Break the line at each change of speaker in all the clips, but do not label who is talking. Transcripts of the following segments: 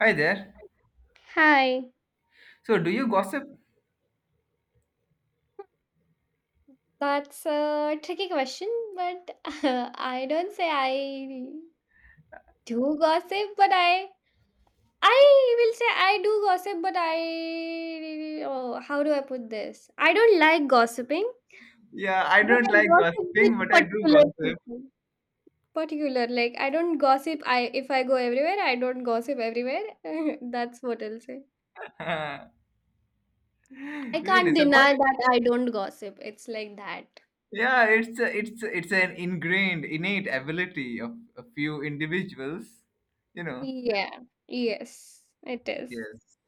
Hi there.
Hi.
So, do you gossip?
That's a tricky question, but I don't say I do gossip, but I will say I do gossip, but I oh, how do I put this? I don't like gossiping,
Yeah, I
but
don't
I
like
gossip with
gossiping, but I do
particular
gossip.
people. Particular, like I don't gossip. I If I go everywhere, I don't gossip everywhere. That's what I'll say. I
Really?
can't
So what?
deny that I don't gossip. It's like that.
Yeah, it's an ingrained, innate ability of a few individuals, you know.
Yeah. Yes, it is.
Yes.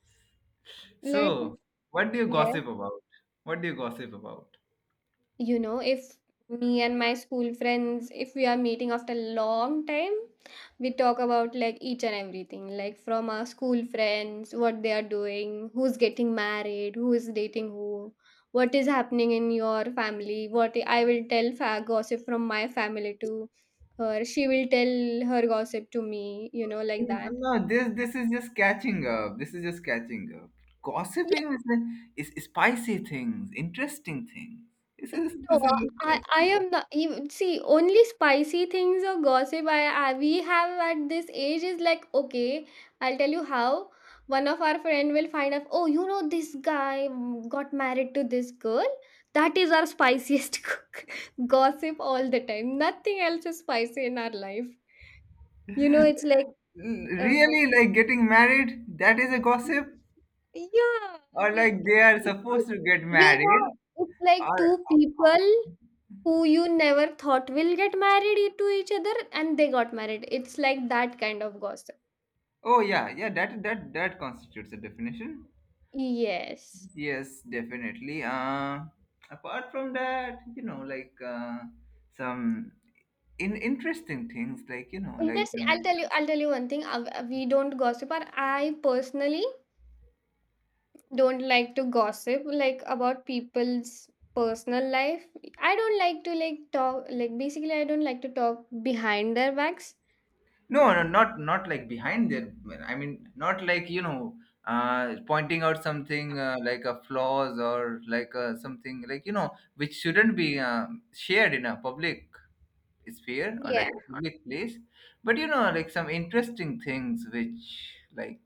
Like
So, what do you
Yes.
gossip about? What do you gossip about?
You know, if me and my school friends, if we are meeting after a long time, we talk about like each and everything, like from our school friends, what they are doing, who's getting married, who is dating who, what is happening in your family. What I will tell gossip from my family to her, she will tell her gossip to me, you know, like that.
No, this is just catching up. This is just catching up. Gossiping is the, is spicy things, interesting things. This
Mm,
is
No,
this is just
I
catching
am not. You see, only spicy things or gossip I we have at this age is like okay. I'll tell you how. One of our friend will find out. Oh, you know this guy got married to this girl. That is our spiciest cook. Gossip all the time. Nothing else is spicy in our life. You know, it's like uh,
really, like getting married, that is a gossip?
yeah.
Or like
We, it's
they are
like,
supposed to get
you know,
married?
it's like
Or
two people who you never thought will get married to each other, and they got married. It's like that kind of gossip.
oh, yeah, yeah, that constitutes a definition.
Yes.
Yes, definitely. Apart from that, you know, like, some in interesting things like, you know,
Interesting. I'll tell you one thing. We don't gossip, or I personally don't like to gossip like about people's personal life. I don't like to like talk like, basically I don't like to talk behind their backs.
no, no, not like behind their. I mean, not like, you know, pointing out something, like a flaws, or like, something like, you know, which shouldn't be, shared in a public sphere or
Yeah.
like public place. But, you know, like some interesting things which, like,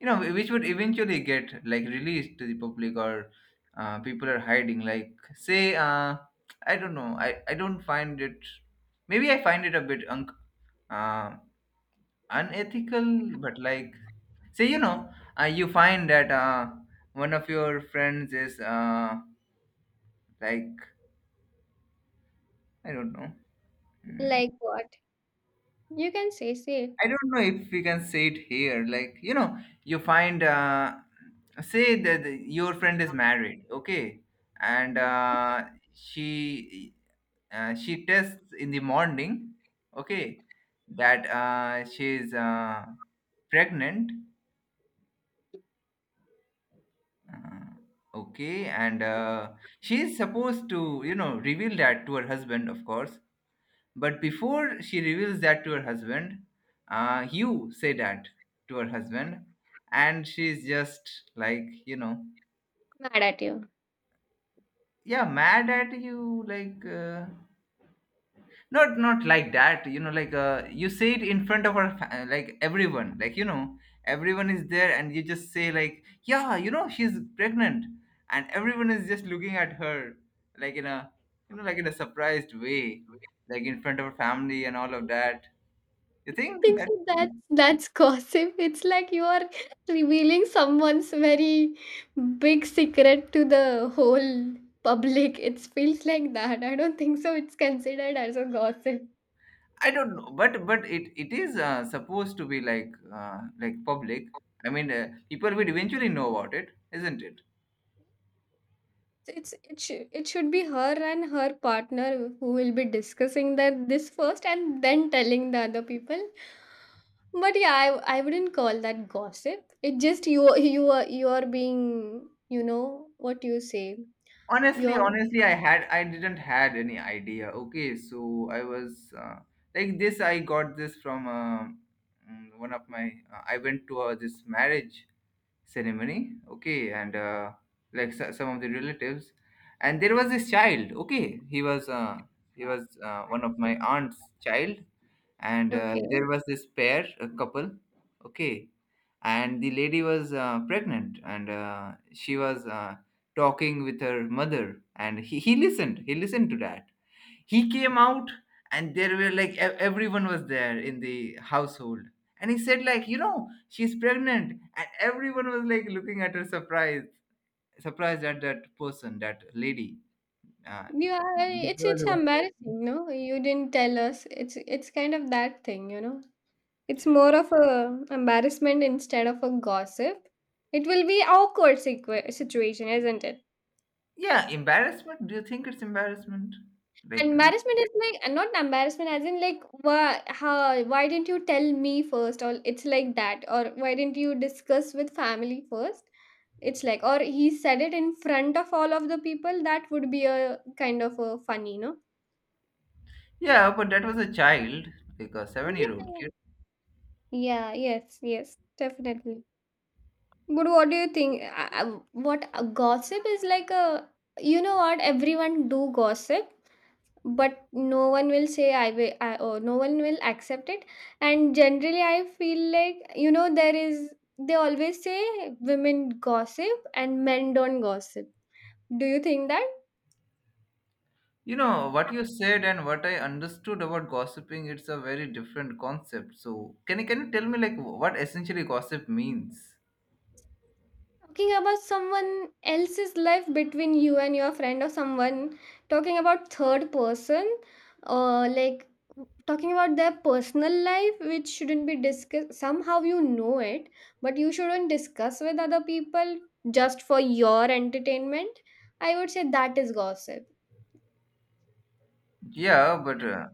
you know, which would eventually get like released to the public, or people are hiding. Like say, I don't know. I don't find it. Maybe I find it a bit um unethical, but like, say, you know, you find that, one of your friends is, like, I don't know, mm,
Like what? You can say, say
I
it.
don't know if we can say it here, like, you know, you find, say that your friend is married, okay, and,
Yeah.
she, she tests in the morning, okay, that, she is, pregnant. Uh, okay, and, she is supposed to, you know, reveal that to her husband, of course. But before she reveals that to her husband, you say that to her husband, and she's just like, you know,
Mad at you.
yeah, mad at you, like. Not like that, you know, like, you say it in front of our like, everyone, like, you know, everyone is there, and you just say like, yeah, you know, she's pregnant, and everyone is just looking at her like in a, you know, like in a surprised way, like in front of her family and all of that, you
I don't
think
think
that
so, that's gossip. It's like you are revealing someone's very big secret to the whole public. It feels like that. I don't think so it's considered as a gossip.
I don't know. But it is, supposed to be like, uh, like public. I mean, people will eventually know about it, isn't it?
So it's, it should, it should be her and her partner who will be discussing that this first and then telling the other people. But yeah, I wouldn't call that gossip. It just, you are, you are being, you know what you say. You
Honestly,
are
honestly, I didn't had any idea, okay? So I was, like this. I got this from, one of my, I went to, this marriage ceremony, okay, and, like, so, some of the relatives, and there was this child, okay? He was, one of my aunt's child. And,
okay.
there was this pair a couple, okay, and the lady was, pregnant, and, she was, talking with her mother, and he listened to that. He came out, and there were like everyone was there in the household, and he said like, you know, she's pregnant, and everyone was like looking at her surprised, surprised at that person, that lady. uh,
Yeah,
the girl
it's
who was-
embarrassing, no? You didn't tell us. It's kind of that thing, you know. It's more of a embarrassment instead of a gossip. It will be awkward situation, isn't it?
Yeah, embarrassment. Do you think it's embarrassment? Like,
Embarrassment is like not embarrassment as in like why, how, why didn't you tell me first, or it's like that, or why didn't you discuss with family first? It's like, or he said it in front of all of the people. That would be a kind of a funny, no?
yeah, but that was a child, like a 7-year old.
Yeah. Yeah, yes, yes, definitely. But what do you think? What gossip is like a, you know what, everyone do gossip, but no one will say or no one will accept it. And generally, I feel like, you know, there is, they always say women gossip and men don't gossip. Do you think that?
You know, what you said and what I understood about gossiping, it's a very different concept. So, can you tell me, like, what essentially gossip means?
Talking about someone else's life between you and your friend or someone, talking about third person, or like talking about their personal life which shouldn't be discussed. Somehow you know it, but you shouldn't discuss with other people just for your entertainment. I would say that is gossip.
Yeah,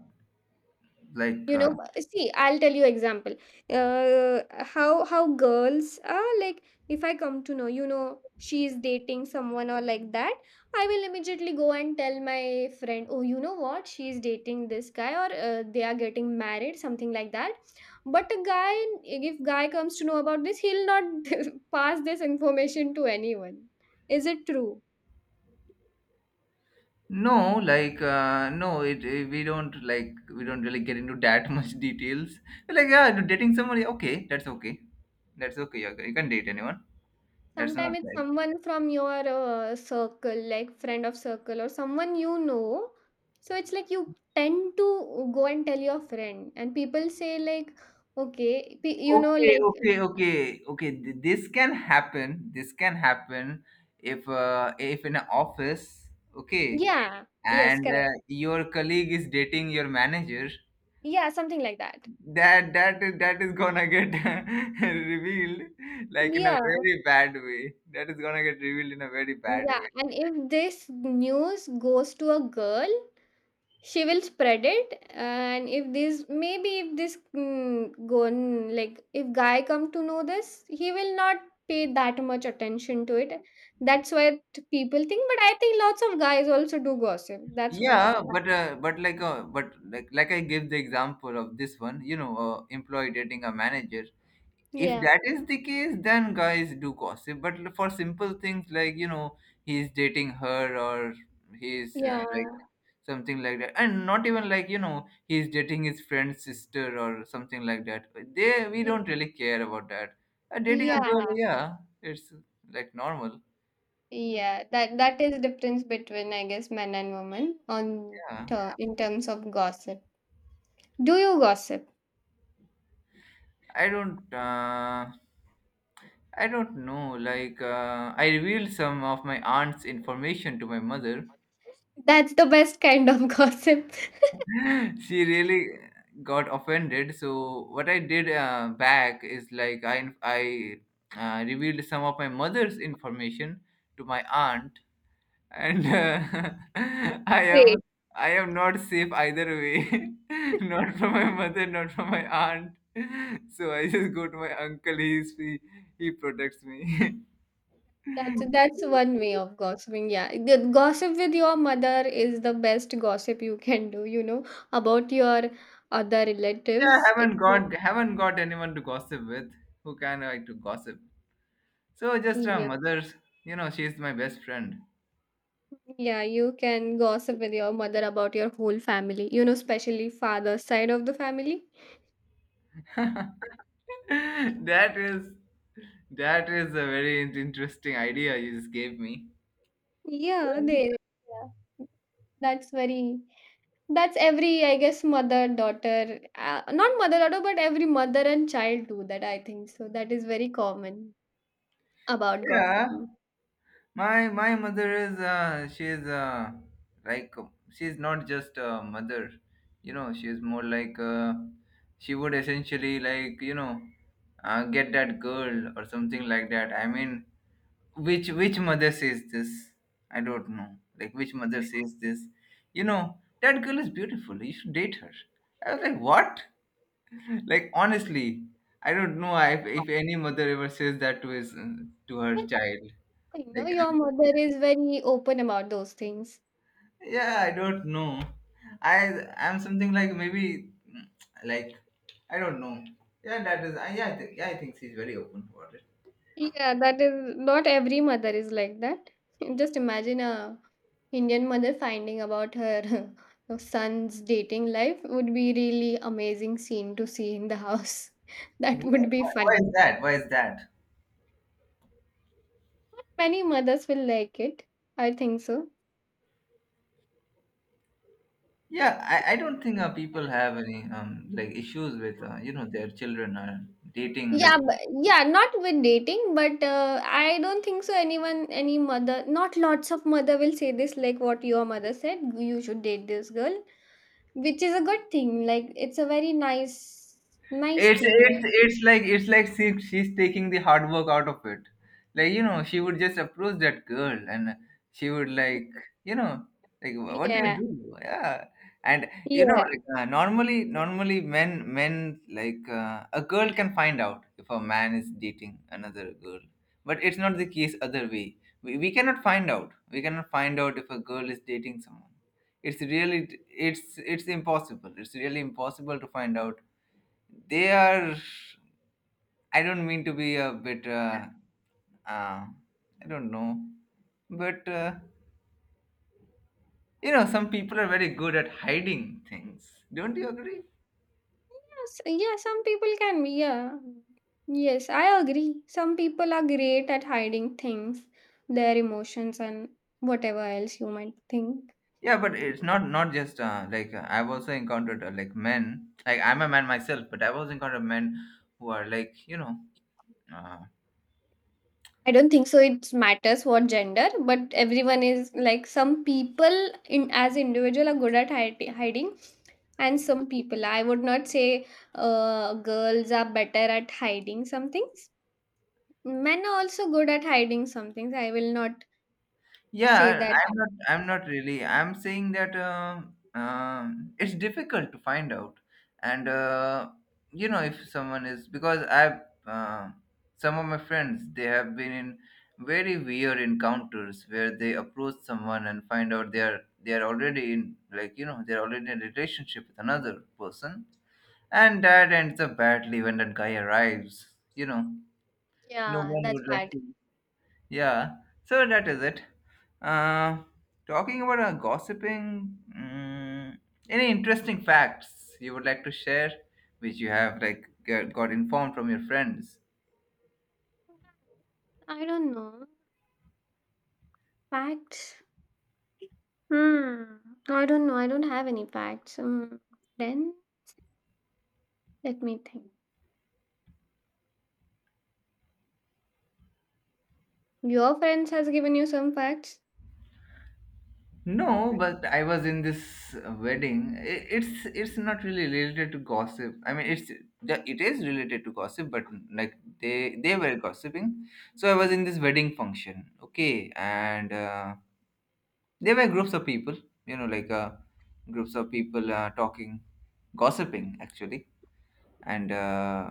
like,
You know,
uh,
But see, I'll tell you example. Uh, how girls are like. If I come to know, you know, she is dating someone or like that, I will immediately go and tell my friend, oh, you know what, she is dating this guy, or they are getting married, something like that. But a guy, if guy comes to know about this, he'll not pass this information to anyone. Is it true?
no, like, no, we don't, like, we don't really get into that much details. Like, yeah, you're dating somebody, okay, that's okay. That's okay, okay, you can date anyone. That's not
Sometimes it's
like,
someone from your circle, like friend of circle or someone you know. So it's like you tend to go and tell your friend, and people say, like, okay, you know,
okay,
like,
okay, okay, okay, this can happen if in an office, okay,
yeah, yes,
and,
correct.
your colleague is dating your manager.
Yeah, something like that.
That that is gonna get revealed like in a
Yeah,
very bad way. That is gonna get revealed in a very bad
yeah.
way.
And if this news goes to a girl, she will spread it, and if this, maybe if this mm, gon like if guy come to know this, he will not pay that much attention to it. That's what people think, but I think lots of guys also do gossip. That's what.
Yeah, but, I give the example of this one, you know, employee dating a manager. If
Yeah,
that is the case, then guys do gossip. But for simple things like, you know, he's dating her, or he's,
yeah.
like, something like that, and not even like, you know, he's dating his friend's sister, or something like that. They we
Mm.
don't really care about that. Dating a girl,
Yeah,
yeah, it's like normal.
yeah, that that is difference between I guess men and women on
Yeah.
in terms of gossip. Do you gossip?
I don't. I don't know. Like, I revealed some of my aunt's information to my mother.
That's the best kind of gossip.
She really got offended. So what I did, back, is like I revealed some of my mother's information to my aunt, and, I am
Great.
I am not safe either way, not from my mother, not from my aunt. So I just go to my uncle. He protects me. Yeah,
That's one way of gossiping. Yeah, the gossip with your mother is the best gossip you can do. You know, about your other relatives. It's
haven't got anyone to gossip with who can like to gossip. So just,
yeah,
mother's, you know, she's my best friend.
yeah. You can gossip with your mother about your whole family. You know, especially father's side of the family.
that is that is a very interesting idea you just gave me.
Yeah, they. Yeah. That's very. That's every, I guess, mother daughter. Not mother daughter, but every mother and child do that. I think so. That is very common about
Yeah.
gossiping.
My mother is, she is like, she is not just a mother, you know. She is more like, she would essentially, like, you know, get that girl or something like that. I mean, which mother says this? I don't know. Like, which mother says this? You know that girl is beautiful. You should date her. I was like, what? Like, honestly, I don't know if any mother ever says that to his, to her
But
child.
you know,
Like,
your mother is very open about those things.
yeah, I don't know. I'm something like maybe, like, I don't know. Yeah that is I, yeah I think she's very open about it.
Yeah, that is not every mother is like that. Just imagine a Indian mother finding about her her son's dating life would be really amazing scene to see in the house.
Why,
That would be
why is
funny.
that? Why is that?
Many mothers will like it. I think so.
Yeah, I don't think, people have any, like, issues with, you know, their children, dating,
Yeah,
like,
but yeah, not with dating, but I don't think so. Anyone, any mother, not lots of mother will say this like what your mother said. You should date this girl, which is a good thing. Like it's a very nice, nice
it's
thing. Like.
it's it's like it's like she, she's taking the hard work out of it. Like, you know, she would just approach that girl and she would, like, you know, like, "Wha- what do you
Yeah,
do?" Yeah, and, you know,
yeah,
like, normally men like, a girl can find out if a man is dating another girl. But it's not the case other way. We cannot find out. We cannot find out if a girl is dating someone. It's really, it's impossible. It's really impossible to find out. They are. I don't mean to be a bit. Uh, I don't know, but, you know, some people are very good at hiding things. Don't you agree?
yes, yeah. Some people can, be, yeah, yes, I agree. Some people are great at hiding things, their emotions, and whatever else you might think.
Yeah, but it's not just, I've also encountered, like, men. Like, I'm a man myself, but I've also encountered men who are like, you know. uh,
I don't think so it matters what gender, but everyone is like, some people in as individual are good at hiding, and some people I would not say girls are better at hiding some things. Men are also good at hiding some things. I will not say
Yeah,
that.
I'm not.
Yeah.
I'm not really. I'm saying that, it's difficult to find out, and, you know, if someone is, because I've, um some of my friends, they have been in very weird encounters where they approach someone and find out they are already in, like, you know, they're already in a relationship with another person, and that ends up badly when that guy arrives. You know, no
Yeah,
one
that's
would like
bad.
to, yeah, so that is it. Uh, talking about, gossiping, any interesting facts you would like to share, which you have like got informed from your friends?
I don't know. Facts? Hmm. I don't know. I don't have any facts. Then let me think. Your friends has given you some facts?
No, but I was in this, wedding. It's not really related to gossip. I mean, it's the, it is related to gossip, but, like, they were gossiping. So I was in this wedding function, okay, and. There were groups of people, you know like uh, groups of people talking, gossiping actually. And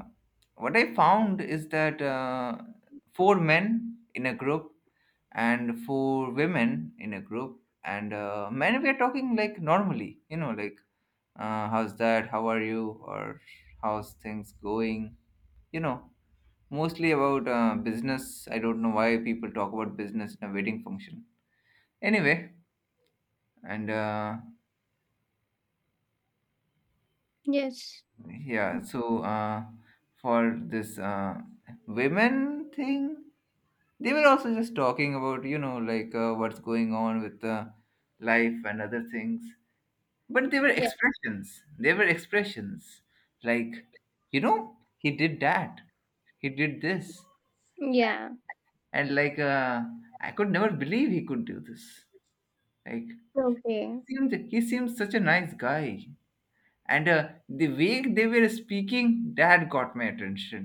what I found is that, four men in a group and four women in a group. And men were talking like normally, you know, like how's that, how are you, or how's things going, you know, mostly about business. I don't know why people talk about business in a wedding function anyway. And
Yes.
yeah. For this women thing, they were also just talking about, you know, like what's going on with life and other things. But they were
Yes.
expressions, they were expressions, like, you know, he did that, he did this.
Yeah.
And like I could never believe he could do this. Like
Okay.
he seems such a nice guy. And the way they were speaking, that got my attention.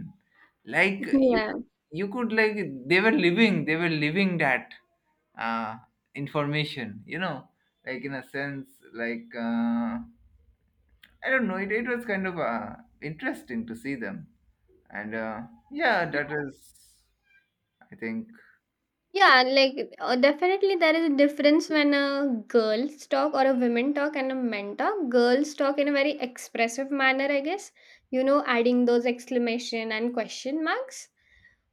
Like you
Yeah.
you could like, they were living that uh, information, you know, like in a sense, like I don't know, it was kind of interesting to see them. And yeah, that is, I think,
Yeah, like definitely there is a difference when a girls talk or a women talk and a men talk. Girls talk in a very expressive manner, I guess, you know, adding those exclamation and question marks.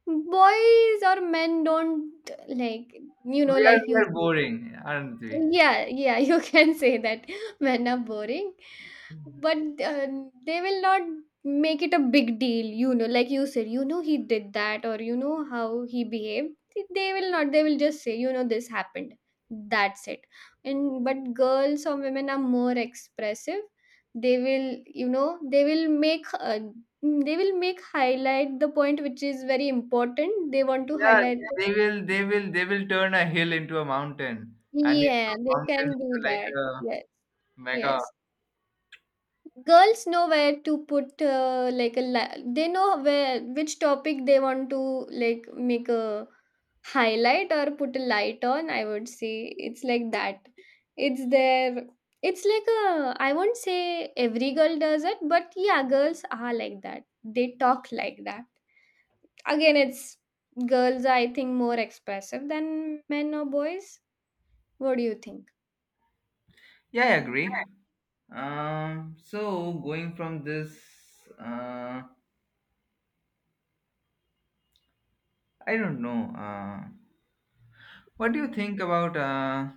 Boys or men don't like, you know,
we are
like
we
you.
are boring, aren't we?
Yeah, yeah, you can say that men are boring, but they will not make it a big deal, you know, like you said, you know, he did that, or you know, how he behaved. They will not, they will just say, you know, this happened. That's it. And but girls or women are more expressive. They will, you know, they will make, highlight the point which is very important. They want to
Yeah,
highlight. Yeah. The.
they will turn a hill into a mountain, and it
Yeah,
a
they
mountain
can
into
do
like
that.
a
Yes,
Mega.
yes. Girls know where to put like a they know where, which topic they want to like make a highlight or put a light on. I would say it's like that. It's their, it's like a, I won't say every girl does it, but yeah, girls are like that, they talk like that. Again, it's, girls are, I think, more expressive than men or boys. What do you think?
Yeah, I agree. So going from this, uh, I don't know. What do you think about?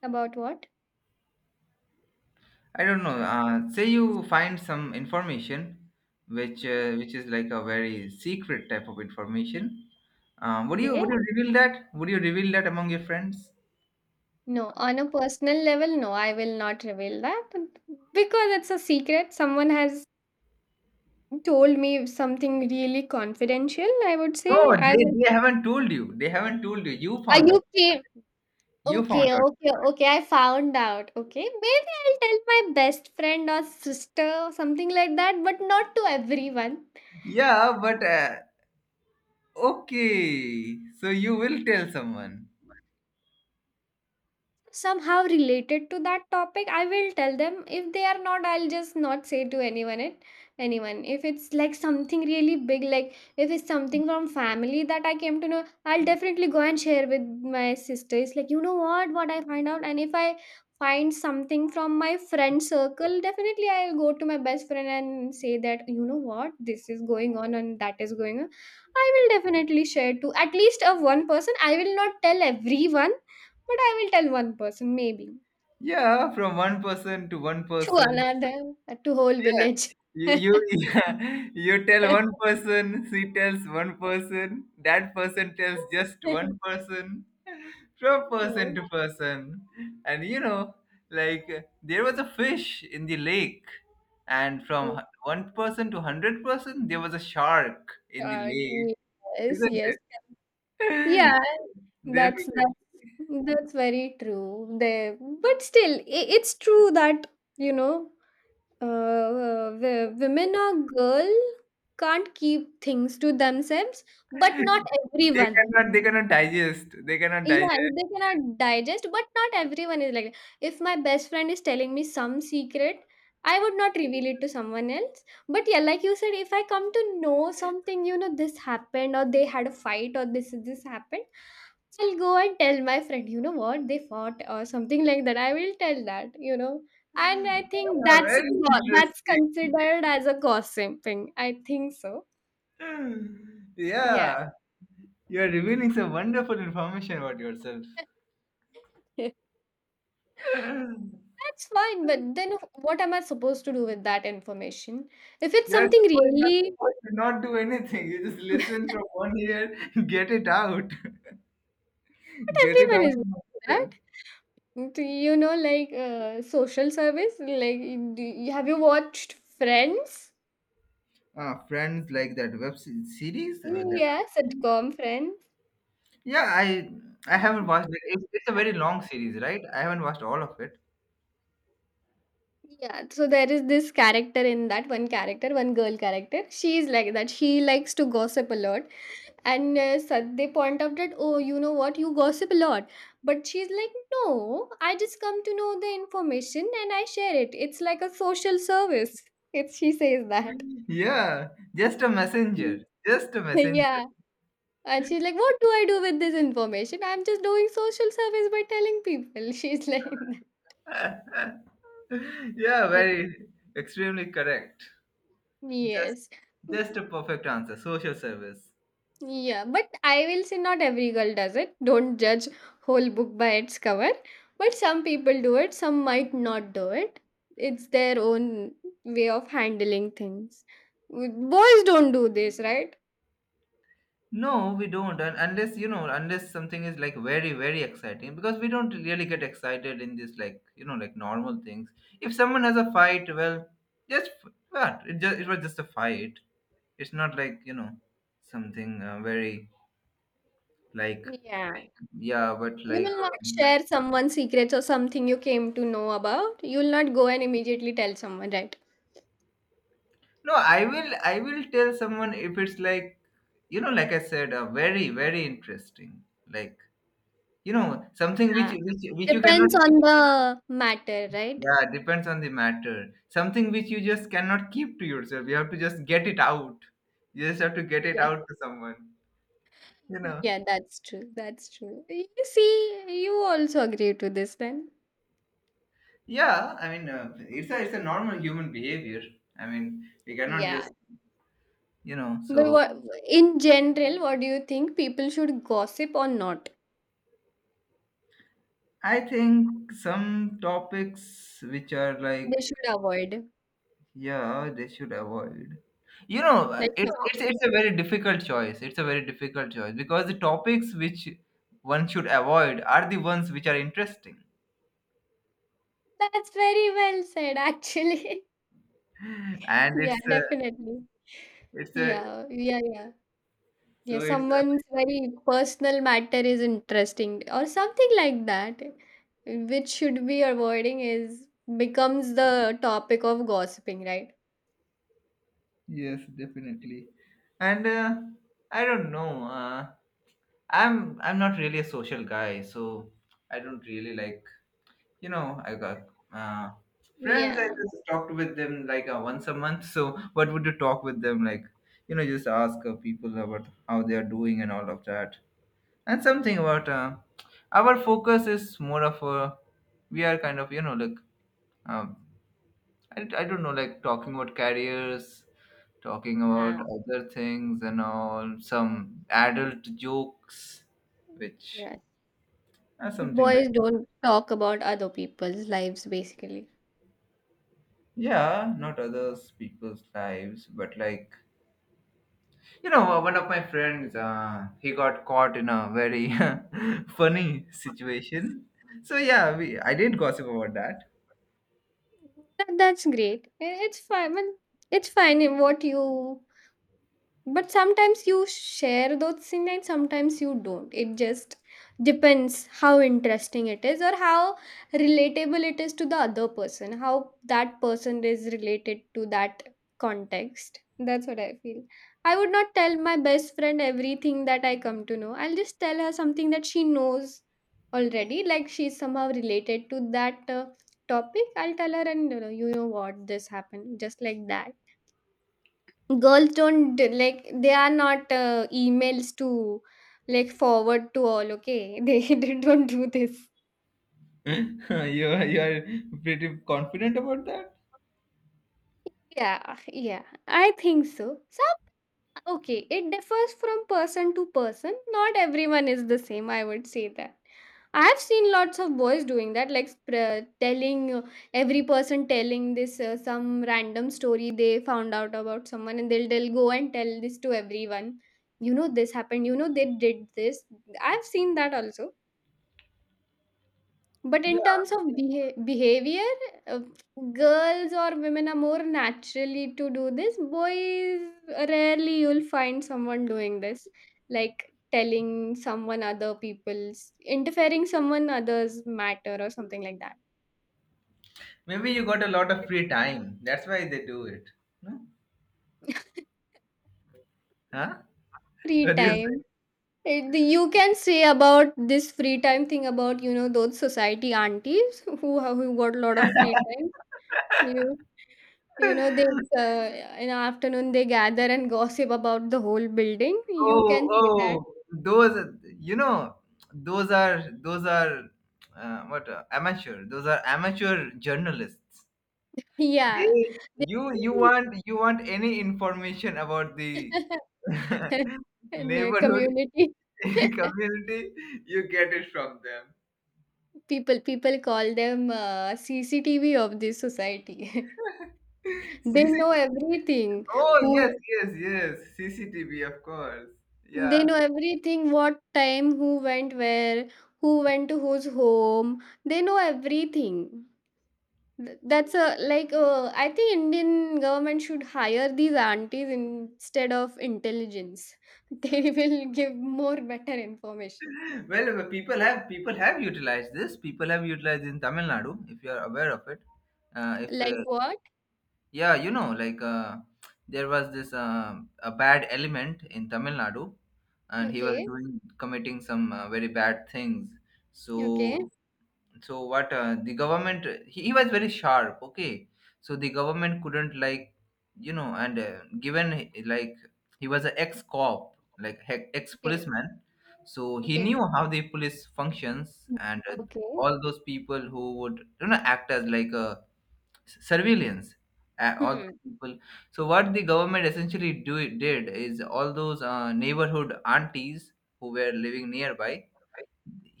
About what?
I don't know. Say you find some information
Hmm?
which is like a very secret type of information. Would
Yeah.
you reveal that? Would you reveal that among your friends?
No, on a personal level, no, I will not reveal that because it's a secret. Someone has told me something really confidential. I would
No,
say I will.
they haven't told you. They haven't told you. You
Are
found out.
you okay?
You found
Okay,
out.
okay, okay. I found out. Okay, maybe I'll tell my best friend or sister or something like that, but not to everyone.
Yeah, but okay. So you will tell someone.
Somehow related to that topic I will tell them. If they are not, I'll just not say to anyone it, anyone. If it's like something really big, like if it's something from family that I came to know, I'll definitely go and share with my sister. It's like, you know what I find out. And if I find something from my friend circle, definitely I'll go to my best friend and say that, you know what, this is going on and that is going on. I will definitely share to at least of one person. I will not tell everyone, but I will tell one person, maybe,
Yeah, from one person to one
to
person.
another, to whole
Yes.
village.
You you, yeah, you tell one person, she tells one person, that person tells just one person, from person
No,
to person. And you know, like there was a fish in the lake, and from one person to hundred person, there was a shark in the
sorry.
lake,
Yes,
isn't
yes.
it?
Yeah, that's
Definitely.
that's that's very true. There, but still, I it's true that, you know, women or girl can't keep things to themselves, but not
They
everyone.
they cannot digest. They cannot
Yeah,
digest.
if they cannot digest, but not everyone is like that. If my best friend is telling me some secret, I would not reveal it to someone else. But yeah, like you said, if I come to know something, you know, this happened or they had a fight or this happened, I'll go and tell my friend, you know what, they fought or something like that. I will tell that, you know. And I think
Ah, very
that's
interesting.
considered as a gossiping. I think so. Yeah.
Yeah, you're revealing some wonderful information about yourself.
That's fine, but then what am I supposed to do with that information? If it's something
You're
really,
supposed to not do anything. You just listen
but
from one ear, get it out, get it out
everyone is like
from
that.
yourself.
Mm, do you know, like social service. Like, have you watched Friends?
Friends like that series. That
Yeah, sitcom Friends.
yeah, I haven't watched it. It's a very long series, right? I haven't watched all of it.
Yeah, so there is this character in that one character, one girl character. She is like that. She likes to gossip a lot. And they point out that, oh, you know what, you gossip a lot. But she's like, no, I just come to know the information and I share it. It's like a social service. It's she says that.
Yeah, just a
Mm.
messenger, just a messenger.
yeah. And she's like, what do I do with this information? I'm just doing social service by telling people. She's like, that.
Yeah,
But
very extremely correct. Just
yes.
just a perfect answer. Social service.
Yeah, but I will say not every girl does it. Don't judge whole book by its cover. But some people do it, some might not do it. It's their own way of handling things. Boys don't do this, right?
No, we don't. And unless you know, unless something is like very, very exciting, because we don't really get excited in this, like, you know, like normal things. If someone has a fight, well, just f- what it just it was just a fight. It's not like, you know, something very like,
Yeah.
yeah, but
You
like,
will not
um,
share someone's secrets or something you came to know about. You will not go and immediately tell someone, right?
no, I will. I will tell someone if it's like, you know, like I said, very, very interesting. Like, you know, something which
Yeah.
which you cannot.
Depends on the matter, right?
Yeah, depends on the matter. Something which you just cannot keep to yourself. You have to just get it out. You just have to get it
Yeah.
out to someone. You know.
Yeah, that's true. That's true. You see, you also agree to this then.
Yeah, I mean, it's a normal human behavior. I mean, we cannot
Yeah.
just, you know.
But
So
what in general, what do you think people should gossip or not?
I think some topics which are like,
They should avoid.
yeah, they should avoid. You know,
Like how-
it's a very difficult choice. It's a very difficult choice because the topics which one should avoid are the ones which are interesting,
that's very well said, actually.
and
Yeah, definitely.
it's a
Yeah, yeah, yeah. Yeah,
it's a,
someone's very personal matter is interesting or something like that, which should be avoiding is becomes the topic of gossiping, right?
yes, definitely. And I don't know. I'm not really a social guy, so I don't really like, you know, I got uh, friends. I
Yeah.
just talked with them like once a month. So what would you talk with them like? You know, just ask people about how they are doing and all of that, and something about our focus is more of a, we are kind of, you know, like um, I don't know, like talking about careers, talking about
Yeah.
other things and all, some adult jokes which
Yes.
something
Boys
like,
don't talk about other people's lives basically.
yeah, not others people's lives, but like, you know, one of my friends, he got caught in a very funny situation. So yeah, I did gossip about that.
That's great. Eh, it's fine. Well, it's fine in what you but sometimes you share those things and sometimes you don't. It just depends how interesting it is or how relatable it is to the other person, how that person is related to that context. That's what I feel. I would not tell my best friend everything that I come to know. I'll just tell her something that she knows already, like she's somehow related to that topic. I'll tell her, and you know what, this happened, just like that girls don't d- like they are not emails to like forward to all, okay. They don't do this.
You are pretty confident about that?
Yeah, yeah, I think so. So okay, it differs from person to person. Not everyone is the same, I would say that. I have seen lots of boys doing that, like telling every person, telling this some random story they found out about someone, and they'll go and tell this to everyone. You know, this happened, you know, they did this. I've seen that also. But in
Yeah.
terms of behavior, uh, girls or women are more naturally to do this. Boys, rarely you'll find someone doing this, like telling someone other people's, interfering someone other's matter or something like that.
Maybe you got a lot of free time. That's why they do it. No? Huh?
Free
What do you say?
time. It- You can say about this free time thing about, you know, those society aunties who have who got a lot of free time. You you know, they in afternoon they gather and gossip about the whole building. You can say that.
Oh, those, you know, those are, those are, amateur. Those are amateur journalists.
Yeah.
They,
They-
you want any information about the
In the
neighborhood,
community.
community, you get it from them.
People call them CCTV of this society. They
CC
know everything.
oh, yes,
Who
yes, yes, CCTV, of course,
they
yeah.
know everything, what time, who went where, who went to whose home. They know everything. That's a like I think Indian government should hire these aunties instead of intelligence. They will give more better information.
Well, people have utilized this. People have utilized in Tamil Nadu, if you are aware of it. If
Like what?
Yeah, you know, like there was this a bad element in Tamil Nadu, and he was
Okay,
doing, committing some very bad things.
okay,
So, so what the government, he was very sharp. Okay, so the government couldn't, like, you know. And given he was an ex cop, like ex
okay,
policeman, so he knew
okay,
how the police functions. And
okay.
all those people who would, you know, act as like a surveillance, all those
Hmm.
people. So what the government essentially do did is all those neighborhood aunties who were living nearby,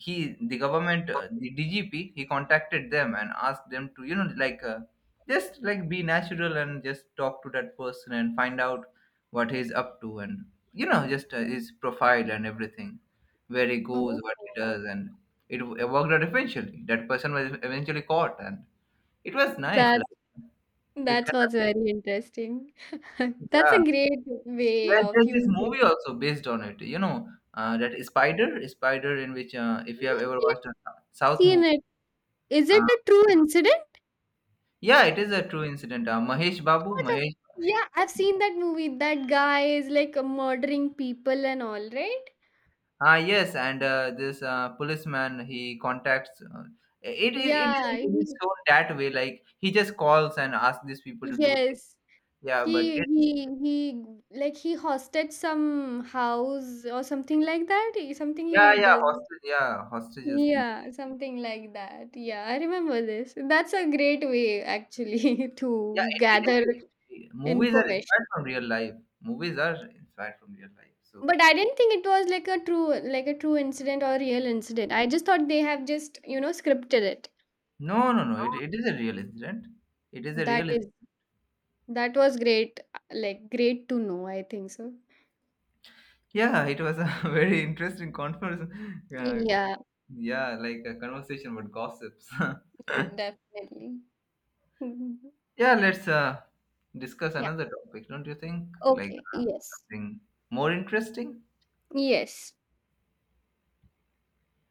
he the government, the DGP, he contacted them and asked them to, you know, like just like be natural and just talk to that person and find out what he's up to, and you know, just his profile and everything, where he goes,
Oh,
what he does. And it worked out. Eventually that person was eventually caught, and it was nice,
that,
like, it
that
can,
was very interesting. That's
yeah.
a great way of
There's this
using.
movie also based on it. You know, that Spider, in which if you have
I've
ever watched a South movie,
seen, it is it
uh,
a true incident?
yeah, it is a true incident. Mahesh Babu,
What a-
Mahesh,
yeah, I've seen that movie. That guy is like murdering people and all, right?
ah, yes. And this policeman, he contacts. It
Yeah,
is really
he-
shown that way. Like he just calls and asks these people to do things.
yes.
Yeah, but
He
it,
he he like he hosted some house or something like that. He- Something
yeah,
he
yeah,
does.
hostage, yeah, hostages people.
Yeah, something like that. Yeah, I remember this. That's a great way actually
Yeah,
to
it
gather
is. Movies are inspired
information.
from real life. Movies are inspired from real life. So.
But I didn't think it was like a true, like a true incident or real incident. I just thought they have just, you know, scripted it.
No, no, no. It is a real incident. It is a real.
That is, that was great, like great to know, I think so.
Yeah, it was a very interesting conference. Uh,
Yeah,
yeah, like a conversation about gossips.
yeah, definitely. Mhm.
Yeah, let's discuss
Yeah,
another topic, don't you think? Like
okay, yes.
something more interesting.
Yes.